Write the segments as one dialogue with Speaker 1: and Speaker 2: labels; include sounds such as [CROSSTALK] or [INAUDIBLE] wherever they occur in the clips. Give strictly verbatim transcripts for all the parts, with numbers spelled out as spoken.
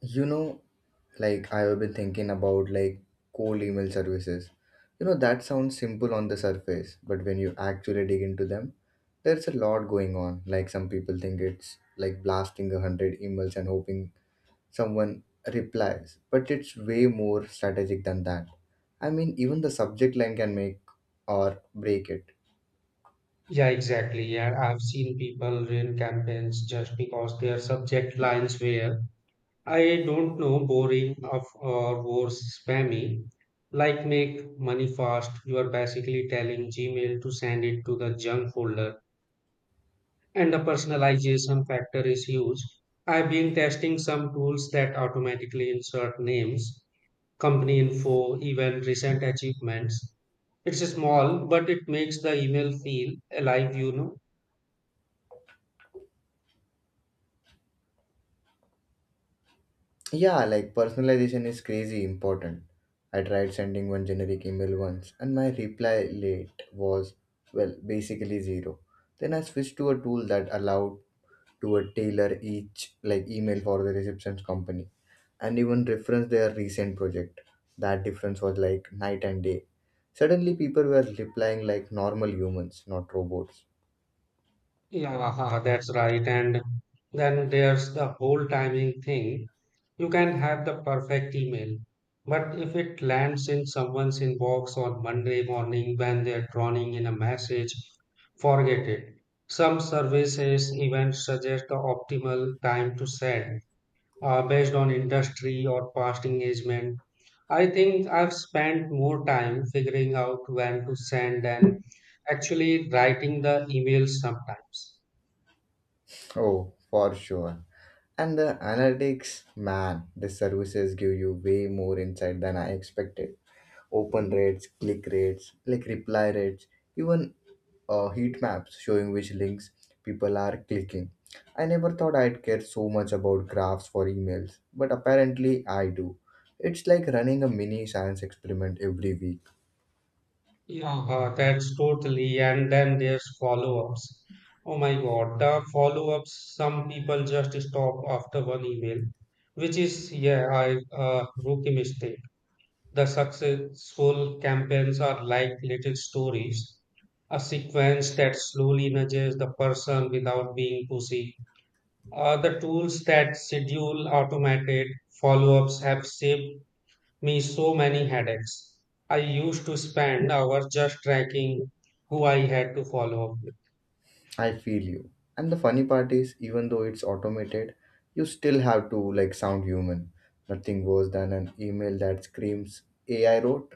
Speaker 1: You know, like I've been thinking about like cold email services. You know, that sounds simple on the surface, but when you actually dig into them, there's a lot going on. Like some people think it's like blasting a hundred emails and hoping someone replies, but it's way more strategic than that. I mean, even the subject line can make or break it.
Speaker 2: Yeah, exactly. Yeah, I've seen people run campaigns just because their subject lines were, I don't know, boring of or worse, spammy. Like make money fast. You are basically telling Gmail to send it to the junk folder, and the personalization factor is huge. I've been testing some tools that automatically insert names, company info, even recent achievements. It's small, but it makes the email feel alive, you know.
Speaker 1: Yeah, like personalization is crazy important. I tried sending one generic email once and my reply rate was, well, basically zero. Then I switched to a tool that allowed to a tailor each like email for the reception's company and even reference their recent project. That difference was like night and day. Suddenly people were replying like normal humans, not robots.
Speaker 2: Yeah, [LAUGHS] that's right. And then there's the whole timing thing. You can have the perfect email, but if it lands in someone's inbox on Monday morning when they're drowning in a message, forget it. Some services even suggest the optimal time to send uh, based on industry or past engagement. I think I've spent more time figuring out when to send and actually writing the emails sometimes.
Speaker 1: Oh, for sure. And the analytics, man, the services give you way more insight than I expected. Open rates, click rates, like reply rates, even uh, heat maps showing which links people are clicking. I never thought I'd care so much about graphs for emails, but apparently I do. It's like running a mini science experiment every week.
Speaker 2: Yeah, uh, that's totally. And then there's follow-ups. Oh my God, the follow-ups. Some people just stop after one email, which is, yeah, I uh, rookie mistake. The successful campaigns are like little stories, a sequence that slowly nudges the person without being pushy. Uh, the tools that schedule automated follow-ups have saved me so many headaches. I used to spend hours just tracking who I had to follow up with.
Speaker 1: I feel you. And the funny part is, even though it's automated, you still have to like sound human. Nothing worse than an email that screams, A I wrote,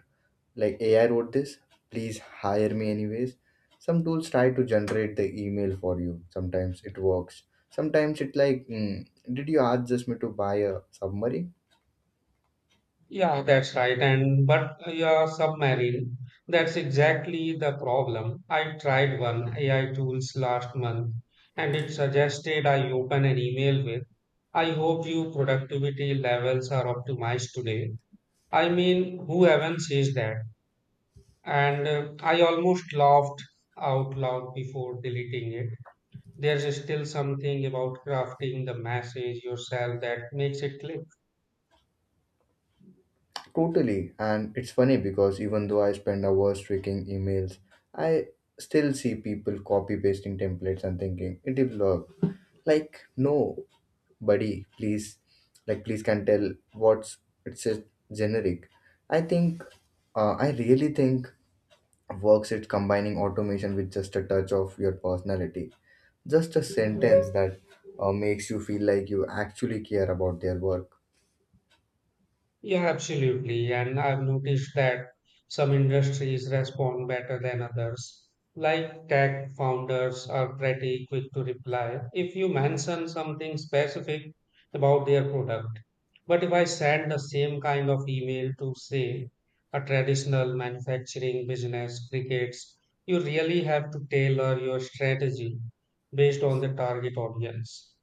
Speaker 1: like A I wrote this, please hire me anyways. Some tools try to generate the email for you. Sometimes it works. Sometimes it like, mm, did you ask just me to buy a submarine?
Speaker 2: Yeah, that's right. And but yeah, submarine. That's exactly the problem. I tried one A I tools last month, and it suggested I open an email with, "I hope your productivity levels are optimized today." I mean, who even says that? And uh, I almost laughed out loud before deleting it. There's still something about crafting the message yourself that makes it click.
Speaker 1: Totally. And it's funny because even though I spend hours tweaking emails, I still see people copy pasting templates and thinking it is will like no buddy please like please can tell what's it's a generic i think uh, i really think works it combining automation with just a touch of your personality just a sentence that uh, makes you feel like you actually care about their work.
Speaker 2: Yeah, absolutely. And I've noticed that some industries respond better than others. Like tech founders are pretty quick to reply if you mention something specific about their product. But if I send the same kind of email to, say, a traditional manufacturing business, crickets. You really have to tailor your strategy based on the target audience.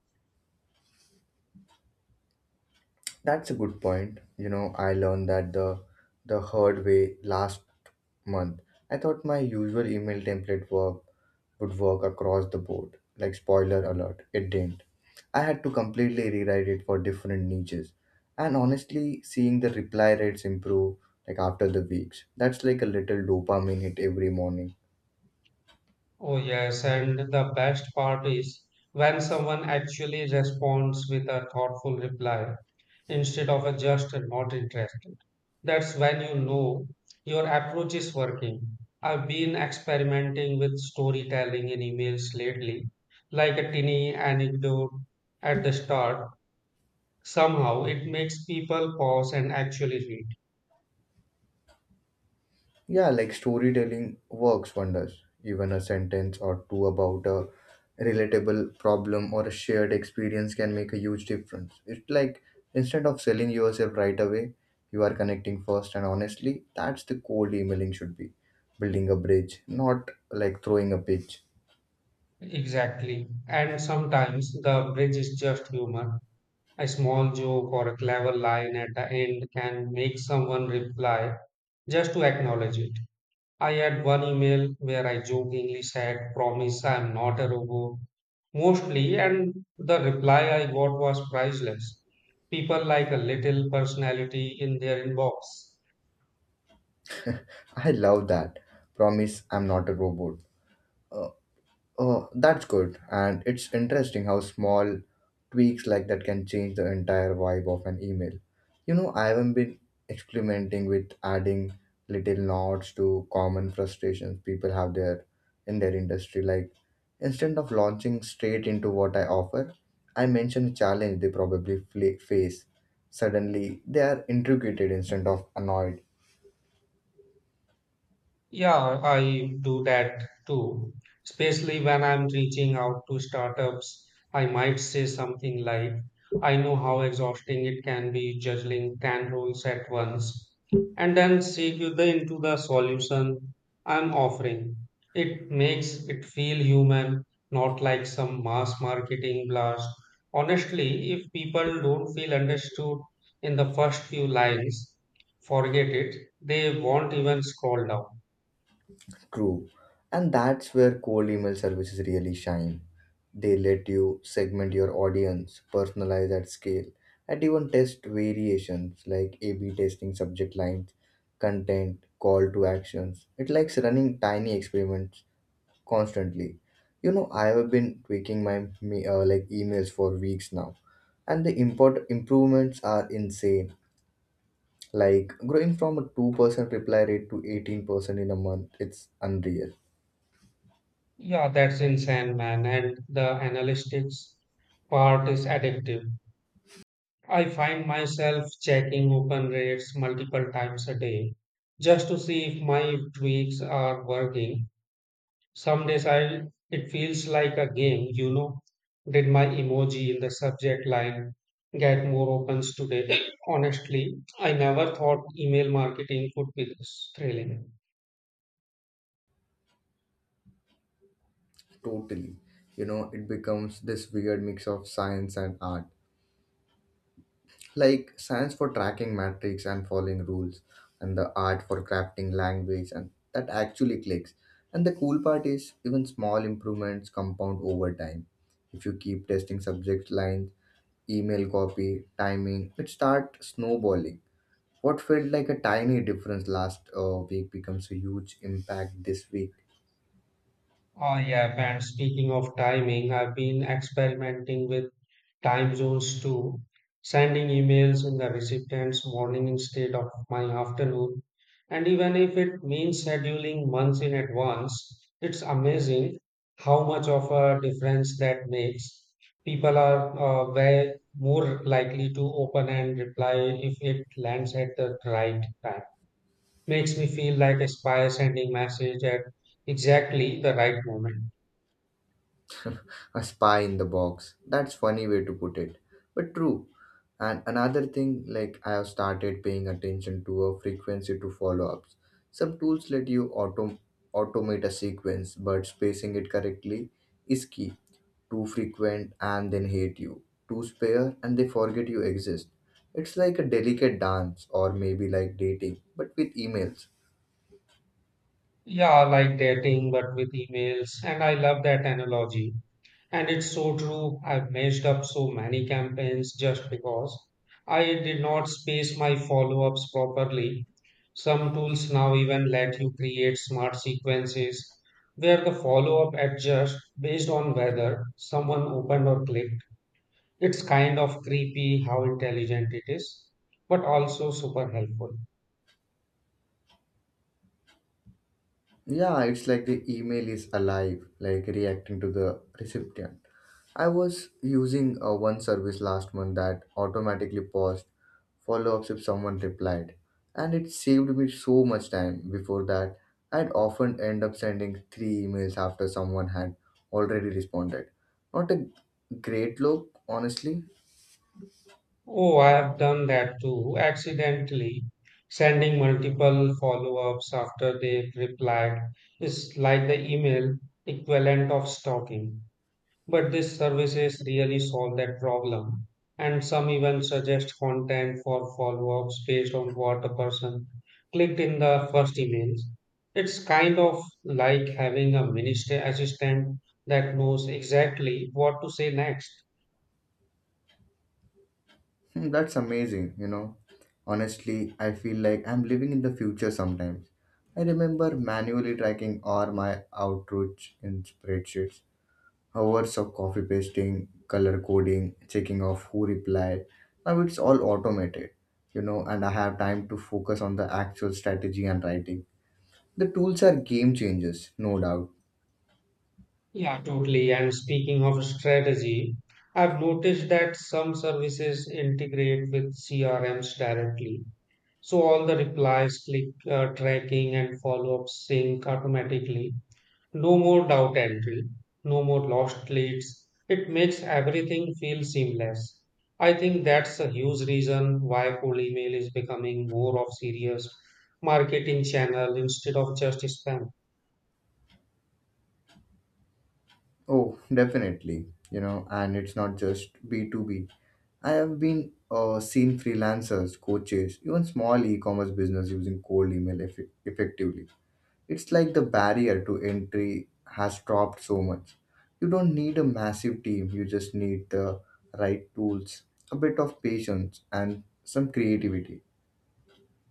Speaker 1: That's a good point. You know, I learned that the the hard way last month. I thought my usual email template work would work across the board. Like spoiler alert, it didn't. I had to completely rewrite it for different niches. And honestly, seeing the reply rates improve like after the weeks, that's like a little dopamine hit every morning.
Speaker 2: Oh, yes, and the best part is when someone actually responds with a thoughtful reply instead of a just not interested. That's when you know your approach is working. I've been experimenting with storytelling in emails lately, like a tiny anecdote at the start. Somehow it makes people pause and actually read.
Speaker 1: Yeah, like storytelling works wonders. Even a sentence or two about a relatable problem or a shared experience can make a huge difference. It's like instead of selling yourself right away, you are connecting first, and honestly, that's the cold emailing should be building a bridge, not like throwing a pitch.
Speaker 2: Exactly. And sometimes the bridge is just humor. A small joke or a clever line at the end can make someone reply just to acknowledge it. I had one email where I jokingly said, "Promise I'm not a robot, mostly," and the reply I got was priceless. People like a little personality in their inbox.
Speaker 1: [LAUGHS] I love that. Promise I'm not a robot. Uh, Oh, that's good. And it's interesting how small tweaks like that can change the entire vibe of an email. You know, I haven't been experimenting with adding little nods to common frustrations people have there in their industry. Like instead of launching straight into what I offer, I mention a challenge they probably fla- face. Suddenly, they are intrigued instead of annoyed.
Speaker 2: Yeah, I do that too. Especially when I'm reaching out to startups, I might say something like, "I know how exhausting it can be juggling ten roles at once," and then segue the, into the solution I'm offering. It makes it feel human, not like some mass marketing blast. Honestly, if people don't feel understood in the first few lines, forget it. They won't even scroll down.
Speaker 1: True. And that's where cold email services really shine. They let you segment your audience, personalize at scale, and even test variations like A B testing subject lines, content, call to actions. It likes running tiny experiments constantly. You know, I have been tweaking my me- uh, like emails for weeks now, and the import improvements are insane. Like growing from a two percent reply rate to eighteen percent in a month, it's unreal.
Speaker 2: Yeah, that's insane, man. And the analytics part is addictive. I find myself checking open rates multiple times a day just to see if my tweaks are working. Some days I it feels like a game, you know. Did my emoji in the subject line get more opens today? [COUGHS] [CLEARS THROAT] Honestly, I never thought email marketing could be this thrilling.
Speaker 1: Totally. You know, it becomes this weird mix of science and art. Like science for tracking metrics and following rules, and the art for crafting language, and that actually clicks. And the cool part is, even small improvements compound over time. If you keep testing subject lines, email copy, timing, it starts snowballing. What felt like a tiny difference last uh, week becomes a huge impact this week.
Speaker 2: Oh, yeah, and speaking of timing, I've been experimenting with time zones too, sending emails in the recipient's morning instead of my afternoon. And even if it means scheduling months in advance, it's amazing how much of a difference that makes. People are uh, way more likely to open and reply if it lands at the right time. Makes me feel like a spy sending message at exactly the right moment.
Speaker 1: [LAUGHS] a spy in the box. That's funny way to put it, but true. And another thing, like I have started paying attention to a frequency to follow-ups. Some tools let you auto- automate a sequence, but spacing it correctly is key. Too frequent and then hate you. Too spare and they forget you exist. It's like a delicate dance, or maybe like dating, but with emails.
Speaker 2: Yeah, like dating, but with emails. And I love that analogy. And it's so true. I've messed up so many campaigns just because I did not space my follow-ups properly. Some tools now even let you create smart sequences where the follow-up adjusts based on whether someone opened or clicked. It's kind of creepy how intelligent it is, but also super helpful.
Speaker 1: Yeah, it's like the email is alive, like reacting to the recipient. I was using uh, one service last month that automatically paused follow ups if someone replied, and it saved me so much time. Before that, I'd often end up sending three emails after someone had already responded. Not a great look, honestly.
Speaker 2: Oh, I have done that too, accidentally. Sending multiple follow-ups after they've replied is like the email equivalent of stalking. But these services really solve that problem. And some even suggest content for follow-ups based on what a person clicked in the first emails. It's kind of like having a minister assistant that knows exactly what to say next.
Speaker 1: Hmm, That's amazing, you know. Honestly, I feel like I'm living in the future sometimes. I remember manually tracking all my outreach in spreadsheets hours of copy pasting, color coding, checking of who replied. Now it's all automated, you know, and I have time to focus on the actual strategy and writing. The tools are game changers, no doubt.
Speaker 2: Yeah, totally. And speaking of strategy, I've noticed that some services integrate with C R Ms directly. So all the replies, click uh, tracking, and follow up sync automatically. No more doubt entry, no more lost leads. It makes everything feel seamless. I think that's a huge reason why cold email is becoming more of serious marketing channel instead of just spam.
Speaker 1: Oh, definitely, you know, and it's not just B two B. I have been uh, seen freelancers, coaches, even small e-commerce business using cold email eff- effectively. It's like the barrier to entry has dropped so much. You don't need a massive team, you just need the right tools, a bit of patience, and some creativity.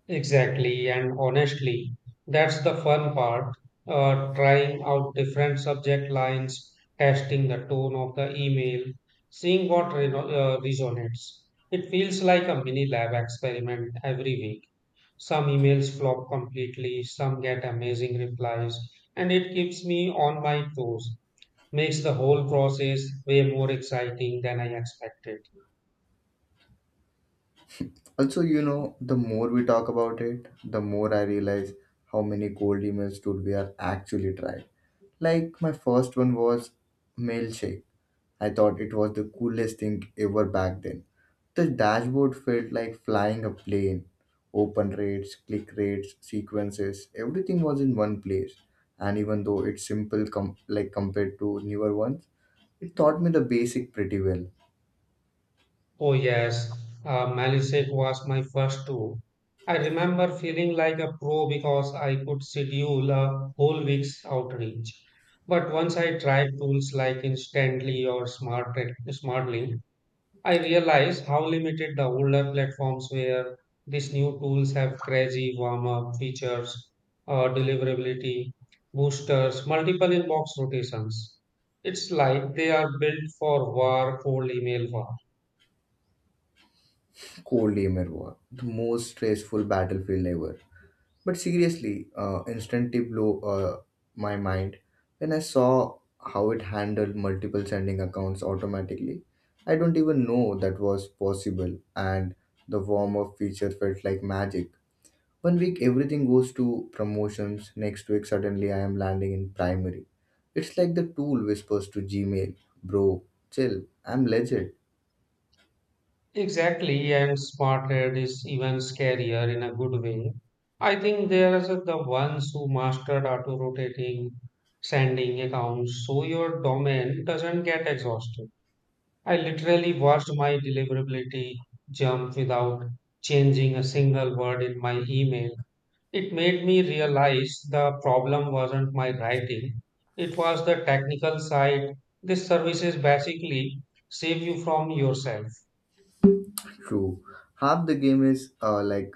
Speaker 2: Exactly, and honestly, that's the fun part. Uh, trying out different subject lines, testing the tone of the email, seeing what re- uh, resonates. It feels like a mini lab experiment every week. Some emails flop completely, some get amazing replies, and it keeps me on my toes. Makes the whole process way more exciting than I expected.
Speaker 1: Also, you know, the more we talk about it, the more I realize how many cold emails dude we are actually trying. Like my first one was Mailshake. I thought it was the coolest thing ever back then. The dashboard felt like flying a plane. Open rates, click rates, sequences, everything was in one place. And even though it's simple com- like compared to newer ones, it taught me the basic pretty well.
Speaker 2: Oh, yes, uh, Malisade was my first tour. I remember feeling like a pro because I could schedule a whole week's outreach. But once I tried tools like Instantly or Smart Smartly, I realized how limited the older platforms were. These new tools have crazy warm-up features, uh, deliverability, boosters, multiple inbox rotations. It's like they are built for war, cold email war.
Speaker 1: Cold Lemur war, the most stressful battlefield ever. But seriously, uh, instantly blew uh, my mind when I saw how it handled multiple sending accounts automatically. I don't even know that was possible, and the warm up feature felt like magic. One week everything goes to promotions, next week suddenly I am landing in primary. It's like the tool whispers to Gmail, bro, chill, I'm legit.
Speaker 2: Exactly, and smart head is even scarier in a good way. I think they are the ones who mastered auto rotating sending accounts so your domain doesn't get exhausted. I literally watched my deliverability jump without changing a single word in my email. It made me realize the problem wasn't my writing, it was the technical side. These services basically save you from yourself.
Speaker 1: True. Half the game is uh, like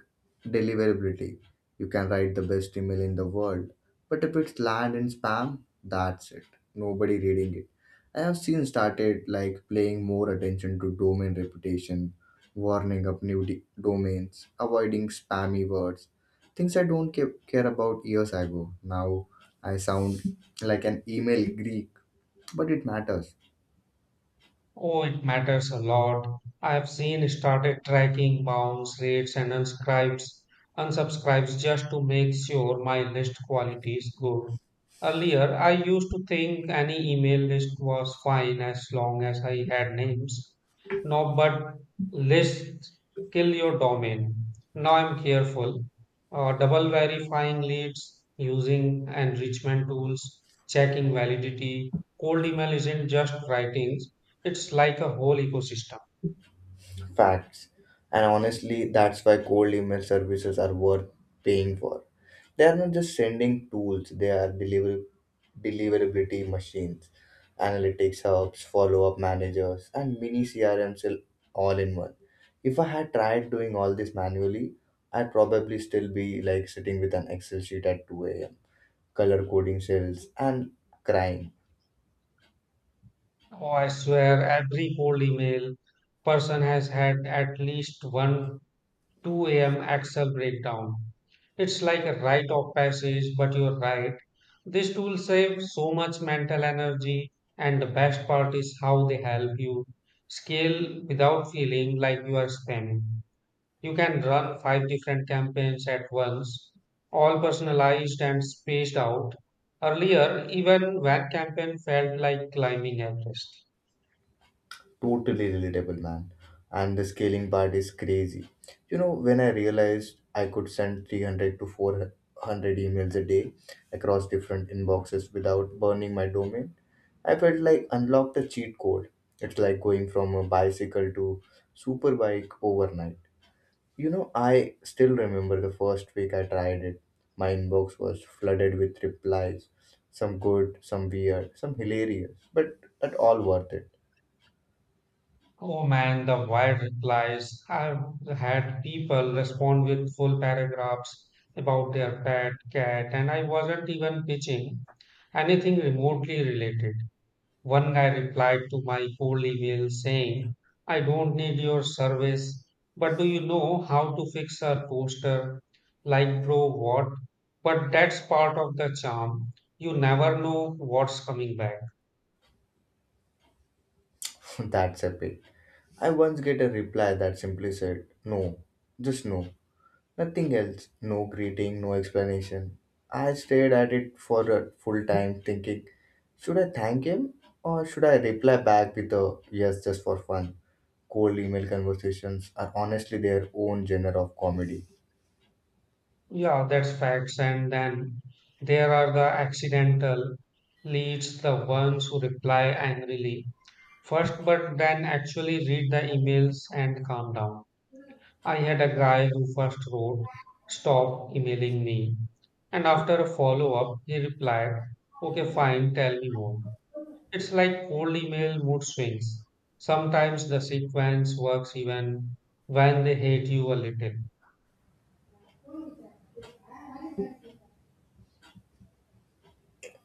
Speaker 1: deliverability. You can write the best email in the world, but if it's land in spam, that's it. Nobody reading it. I have seen started like playing more attention to domain reputation, warning up new d- domains, avoiding spammy words, things I don't ca- care about years ago. Now I sound like an email Greek, but it matters.
Speaker 2: Oh, it matters a lot. I have seen started tracking bounce rates and unscribes, unsubscribes just to make sure my list quality is good. Earlier, I used to think any email list was fine as long as I had names. No, but lists kill your domain. Now I'm careful. Uh, double verifying leads, using enrichment tools, checking validity. Cold email isn't just writing, it's like a whole ecosystem.
Speaker 1: Facts. And honestly, that's why cold email services are worth paying for. They are not just sending tools, they are deliver- deliverability machines, analytics hubs, follow up managers, and mini C R Ms all all in one. If I had tried doing all this manually, I'd probably still be like sitting with an Excel sheet at two a m, color coding cells, and crying.
Speaker 2: Oh, I swear every cold email person has had at least one two a m. Excel breakdown. It's like a rite of passage, but you're right. These tools save so much mental energy, and the best part is how they help you scale without feeling like you are spamming. You can run five different campaigns at once, all personalized and spaced out. Earlier, even one campaign felt like climbing Everest.
Speaker 1: Totally relatable, man. And the scaling part is crazy you know when I realized I could send three hundred to four hundred emails a day across different inboxes without burning my domain. I felt like unlocked a cheat code. It's like going from a bicycle to superbike overnight. You know i still remember the first week I tried it. My inbox was flooded with replies, some good, some weird, some hilarious, but at all worth it.
Speaker 2: Oh man, the wild replies. I've had people respond with full paragraphs about their pet cat, and I wasn't even pitching anything remotely related. One guy replied to my cold email saying, "I don't need your service, but do you know how to fix a toaster?" Like, bro, what? But that's part of the charm. You never know what's coming back.
Speaker 1: [LAUGHS] that's epic. I once get a reply that simply said, no, just no, nothing else, no greeting, no explanation. I stared at it for a full time thinking, should I thank him or should I reply back with a yes just for fun? Cold email conversations are honestly their own genre of comedy.
Speaker 2: Yeah, that's facts. And then there are the accidental leads, the ones who reply angrily first, but then actually read the emails and calm down. I had a guy who first wrote, "Stop emailing me." And after a follow up, he replied, "Okay, fine, tell me more." It's like cold email mood swings. Sometimes the sequence works even when they hate you a little.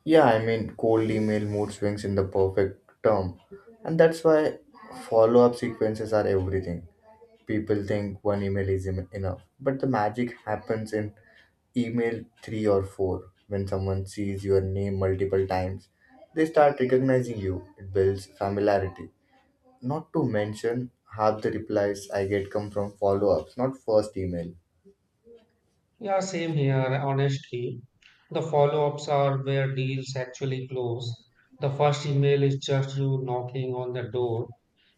Speaker 1: Yeah, I mean, cold email mood swings in the perfect term. And that's why follow up sequences are everything. People think one email is em- enough, but the magic happens in email three or four. When someone sees your name multiple times, they start recognizing you. It builds familiarity. Not to mention, half the replies I get come from follow ups, not first email.
Speaker 2: Yeah, same here, honestly. The follow ups are where deals actually close. The first email is just you knocking on the door,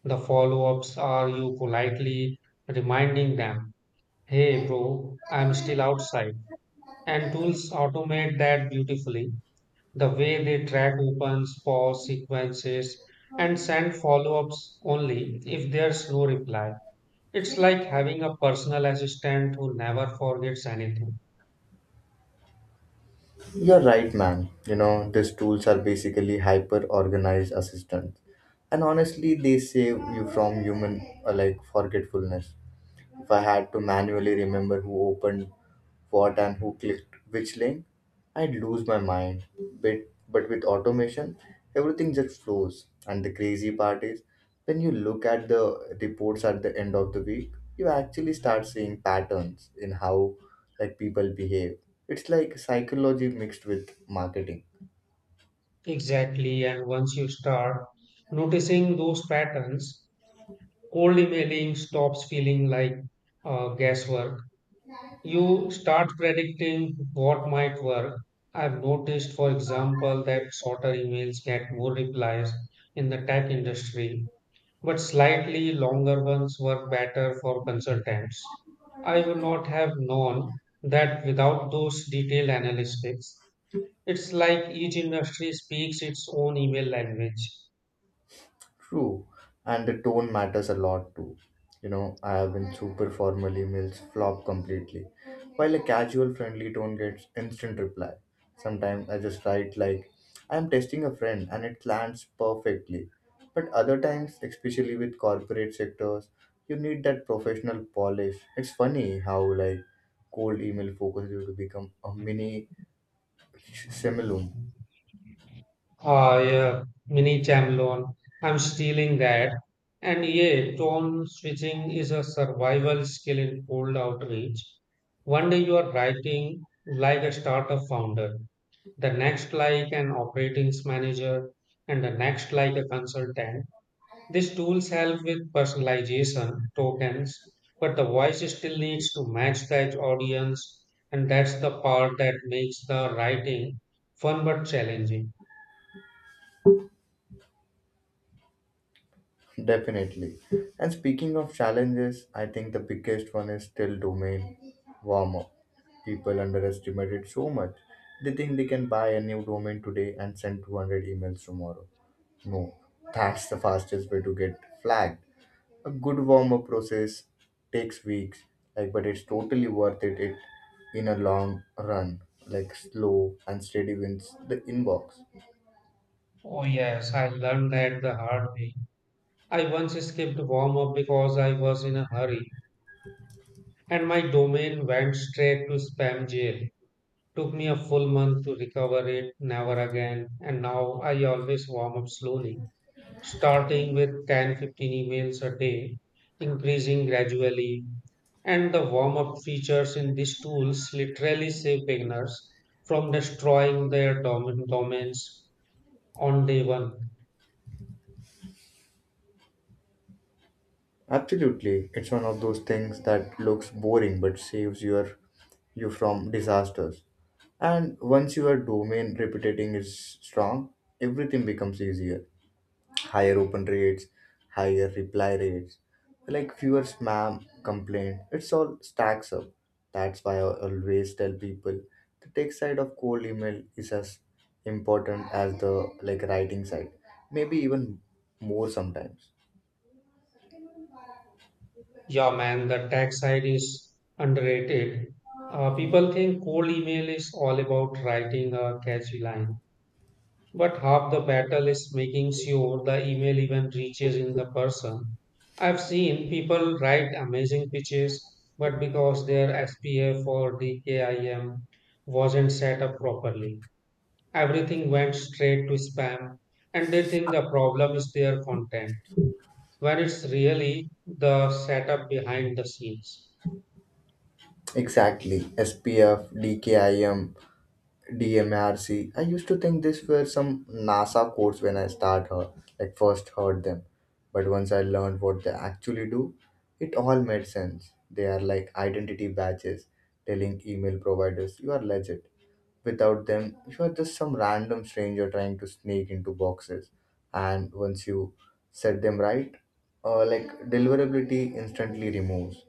Speaker 2: the follow ups are you politely reminding them, "Hey bro, I'm still outside." And tools automate that beautifully. The way they track opens, pause sequences, and send follow-ups only if there's no reply. It's like having a personal assistant who never forgets anything.
Speaker 1: You're right, man. You know, these tools are basically hyper organized assistants. And honestly, they save you from human uh, like forgetfulness if I had to manually remember who opened what and who clicked which link, I'd lose my mind. But, but with automation, everything just flows. And the crazy part is, when you look at the reports at the end of the week, you actually start seeing patterns in how like people behave. It's like psychology mixed with marketing.
Speaker 2: Exactly, and once you start noticing those patterns, cold emailing stops feeling like uh, guesswork. You start predicting what might work. I've noticed, for example, that shorter emails get more replies in the tech industry, but slightly longer ones work better for consultants. I would not have known that without those detailed analytics. It's like each industry speaks its own email language.
Speaker 1: True, and the tone matters a lot too. You know, I have been super formal emails flop completely, while a casual friendly tone gets instant reply. Sometimes I just write like, I'm testing a friend and it lands perfectly. But other times, especially with corporate sectors, you need that professional polish. It's funny how like cold email focuses you to become a mini simulum.
Speaker 2: Ah, yeah, mini Chamlon. I'm stealing that. And yeah, tone switching is a survival skill in cold outreach. One day you are writing like a startup founder, the next like an operations manager, and the next like a consultant. These tools help with personalization tokens, but the voice still needs to match that audience, and that's the part that makes the writing fun but challenging.
Speaker 1: Definitely. And speaking of challenges, I think the biggest one is still domain warm up. People underestimate it so much. They think they can buy a new domain today and send two hundred emails tomorrow. No, that's the fastest way to get flagged. A good warm up process takes weeks, like, but it's totally worth it, it in a long run. Like slow and steady wins the inbox.
Speaker 2: Oh, yes, I learned that the hard way. I once skipped warm up because I was in a hurry and my domain went straight to spam jail. Took me a full month to recover it, never again, and now I always warm up slowly, starting with ten fifteen emails a day, increasing gradually. And the warm up features in these tools literally save beginners from destroying their domain domains on day one.
Speaker 1: Absolutely. It's one of those things that looks boring but saves your you from disasters. And once your domain reputation is strong, everything becomes easier. Higher open rates, higher reply rates, like fewer spam complaint. It's all stacks up. That's why I always tell people the tech side of cold email is as important as the like writing side. Maybe even more sometimes.
Speaker 2: Yeah, man, the tech side is underrated. Uh, people think cold email is all about writing a catchy line, but half the battle is making sure the email even reaches in the person. I've seen people write amazing pitches, but because their S P F or the D K I M wasn't set up properly, everything went straight to spam, and they think the problem is their content, when it's really the setup behind the scenes.
Speaker 1: Exactly. S P F, D K I M, DMRC. I M, D M R C. I used to think these were some NASA codes when I start her, like first heard them. But once I learned what they actually do, it all made sense. They are like identity badges telling email providers you are legit. Without them, you are just some random stranger trying to sneak into boxes. And once you set them right, uh, like deliverability instantly removes.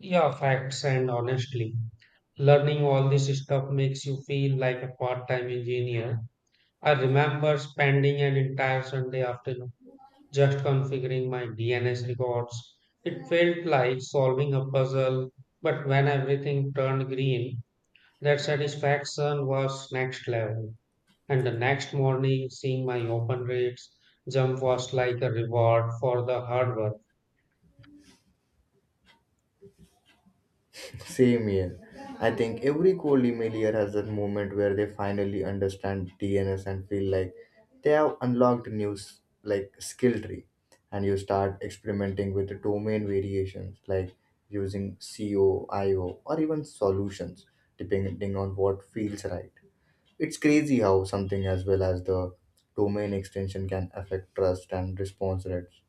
Speaker 2: Yeah, facts and honestly, learning all this stuff makes you feel like a part-time engineer. I remember spending an entire Sunday afternoon just configuring my D N S records. It felt like solving a puzzle, but when everything turned green, that satisfaction was next level. And the next morning, seeing my open rates jump was like a reward for the hard work.
Speaker 1: Same here. I think every cold emailer has that moment where they finally understand D N S and feel like they have unlocked news like skill tree, and you start experimenting with the domain variations like using coio or even solutions depending on what feels right. It's crazy how something as well as the domain extension can affect trust and response rates.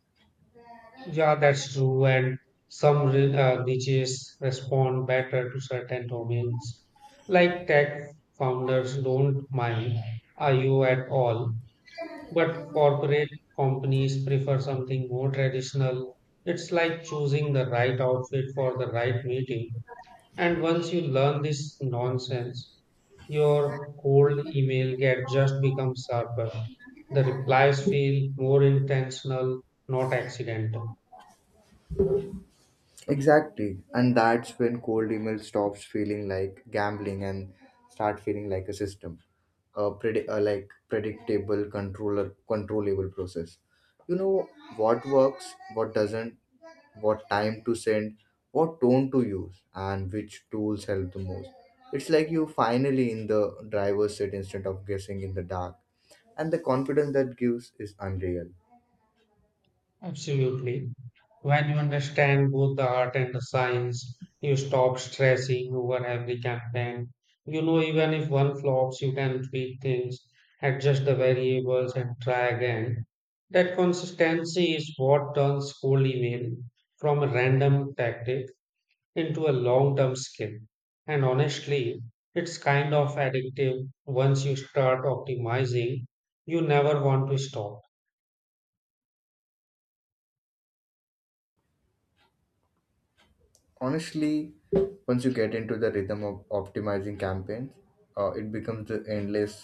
Speaker 2: Yeah, that's true. And some re- uh, niches respond better to certain domains. Like tech founders don't mind I O at all, but corporate companies prefer something more traditional. It's like choosing the right outfit for the right meeting. And once you learn this nonsense, your cold email get just becomes sharper. The replies feel more intentional, not accidental.
Speaker 1: Exactly. And that's when cold email stops feeling like gambling and start feeling like a system. A predi- uh, like predictable controller controllable process. You know what works, what doesn't, what time to send, what tone to use, and which tools help the most. It's like you finally in the driver's seat instead of guessing in the dark. And the confidence that gives is unreal.
Speaker 2: Absolutely. When you understand both the art and the science, you stop stressing over every campaign. You know, even if one flops, you can tweak things, adjust the variables, and try again. That consistency is what turns cold email from a random tactic into a long term skill. And honestly, it's kind of addictive once you start optimizing, you never want to stop.
Speaker 1: Honestly, once you get into the rhythm of optimizing campaigns, uh, it becomes the endless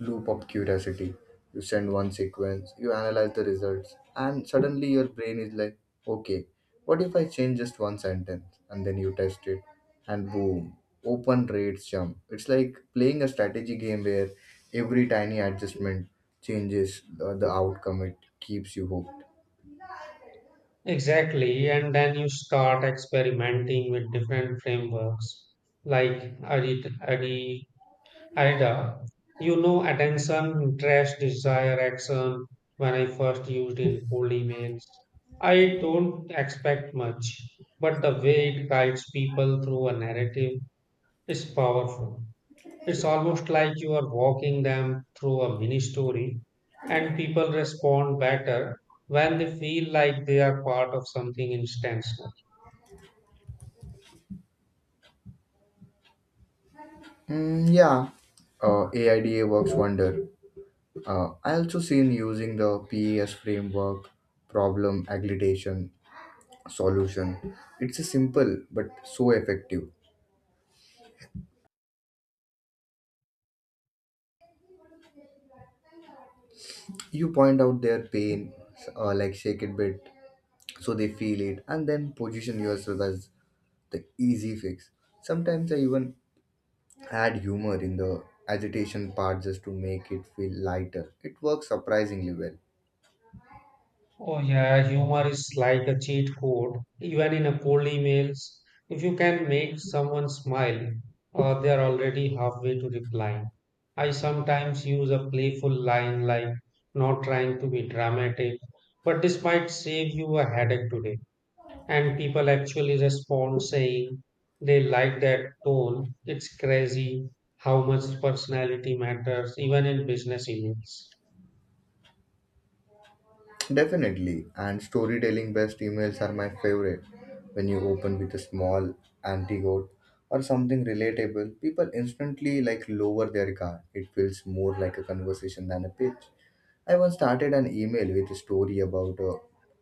Speaker 1: loop of curiosity. You send one sequence, you analyze the results, and suddenly your brain is like, okay, what if I change just one sentence? And then you test it and boom, open rates jump. It's like playing a strategy game where every tiny adjustment changes uh, the outcome. It keeps you hooked.
Speaker 2: Exactly, and then you start experimenting with different frameworks like Ari- Ari- A I D A. You know, attention, interest, desire, action. When I first used in cold emails, I don't expect much, but the way it guides people through a narrative is powerful. It's almost like you are walking them through a mini story, and people respond better when they feel like they are part of something intentional.
Speaker 1: Mm, yeah, uh, AIDA works wonder. Uh, I also seen using the P E S framework, problem aggregation, solution. It's a simple but so effective. You point out their pain, uh, like shake it bit, so they feel it, and then position yourself as the easy fix. Sometimes I even add humor in the agitation part just to make it feel lighter. It works surprisingly well.
Speaker 2: Oh, yeah, humor is like a cheat code, even in a cold emails. If you can make someone smile, or they are already halfway to replying. I sometimes use a playful line like not trying to be dramatic, but this might save you a headache today. And people actually respond saying they like that tone. It's crazy how much personality matters even in business emails.
Speaker 1: Definitely, and storytelling based emails are my favorite. When you open with a small antidote or something relatable, people instantly like lower their guard. It feels more like a conversation than a pitch. I once started an email with a story about a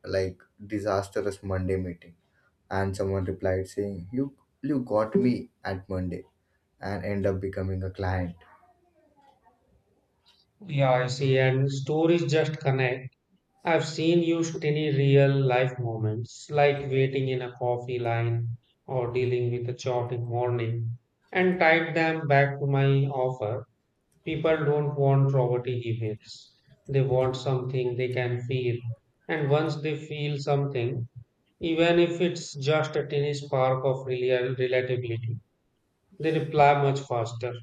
Speaker 1: like disastrous Monday meeting, and someone replied saying, "You you got me at Monday," and end up becoming a client.
Speaker 2: Yeah, I see. And stories just connect. I've seen use tiny real life moments like waiting in a coffee line or dealing with a chaotic morning and tied them back to my offer. People don't want robotic emails. They want something they can feel. And once they feel something, even if it's just a tiny spark of real relatability, they reply much faster.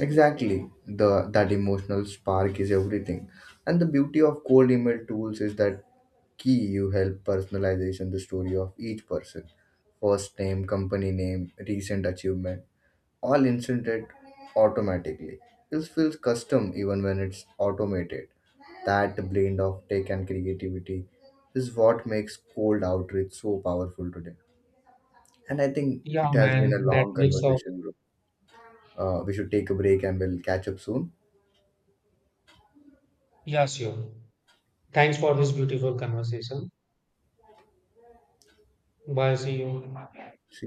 Speaker 1: Exactly. The that emotional spark is everything. And the beauty of cold email tools is that key you help personalization the story of each person. First name, company name, recent achievement, all inserted automatically. This feels custom even when it's automated. That blend of tech and creativity is what makes cold outreach so powerful today. And I think
Speaker 2: Yeah,
Speaker 1: it has been a
Speaker 2: man, that
Speaker 1: long
Speaker 2: makes of.
Speaker 1: conversation, bro. Uh, we should take a break and we'll catch up soon.
Speaker 2: Yeah, sure. Thanks for this beautiful conversation. Bye, see you.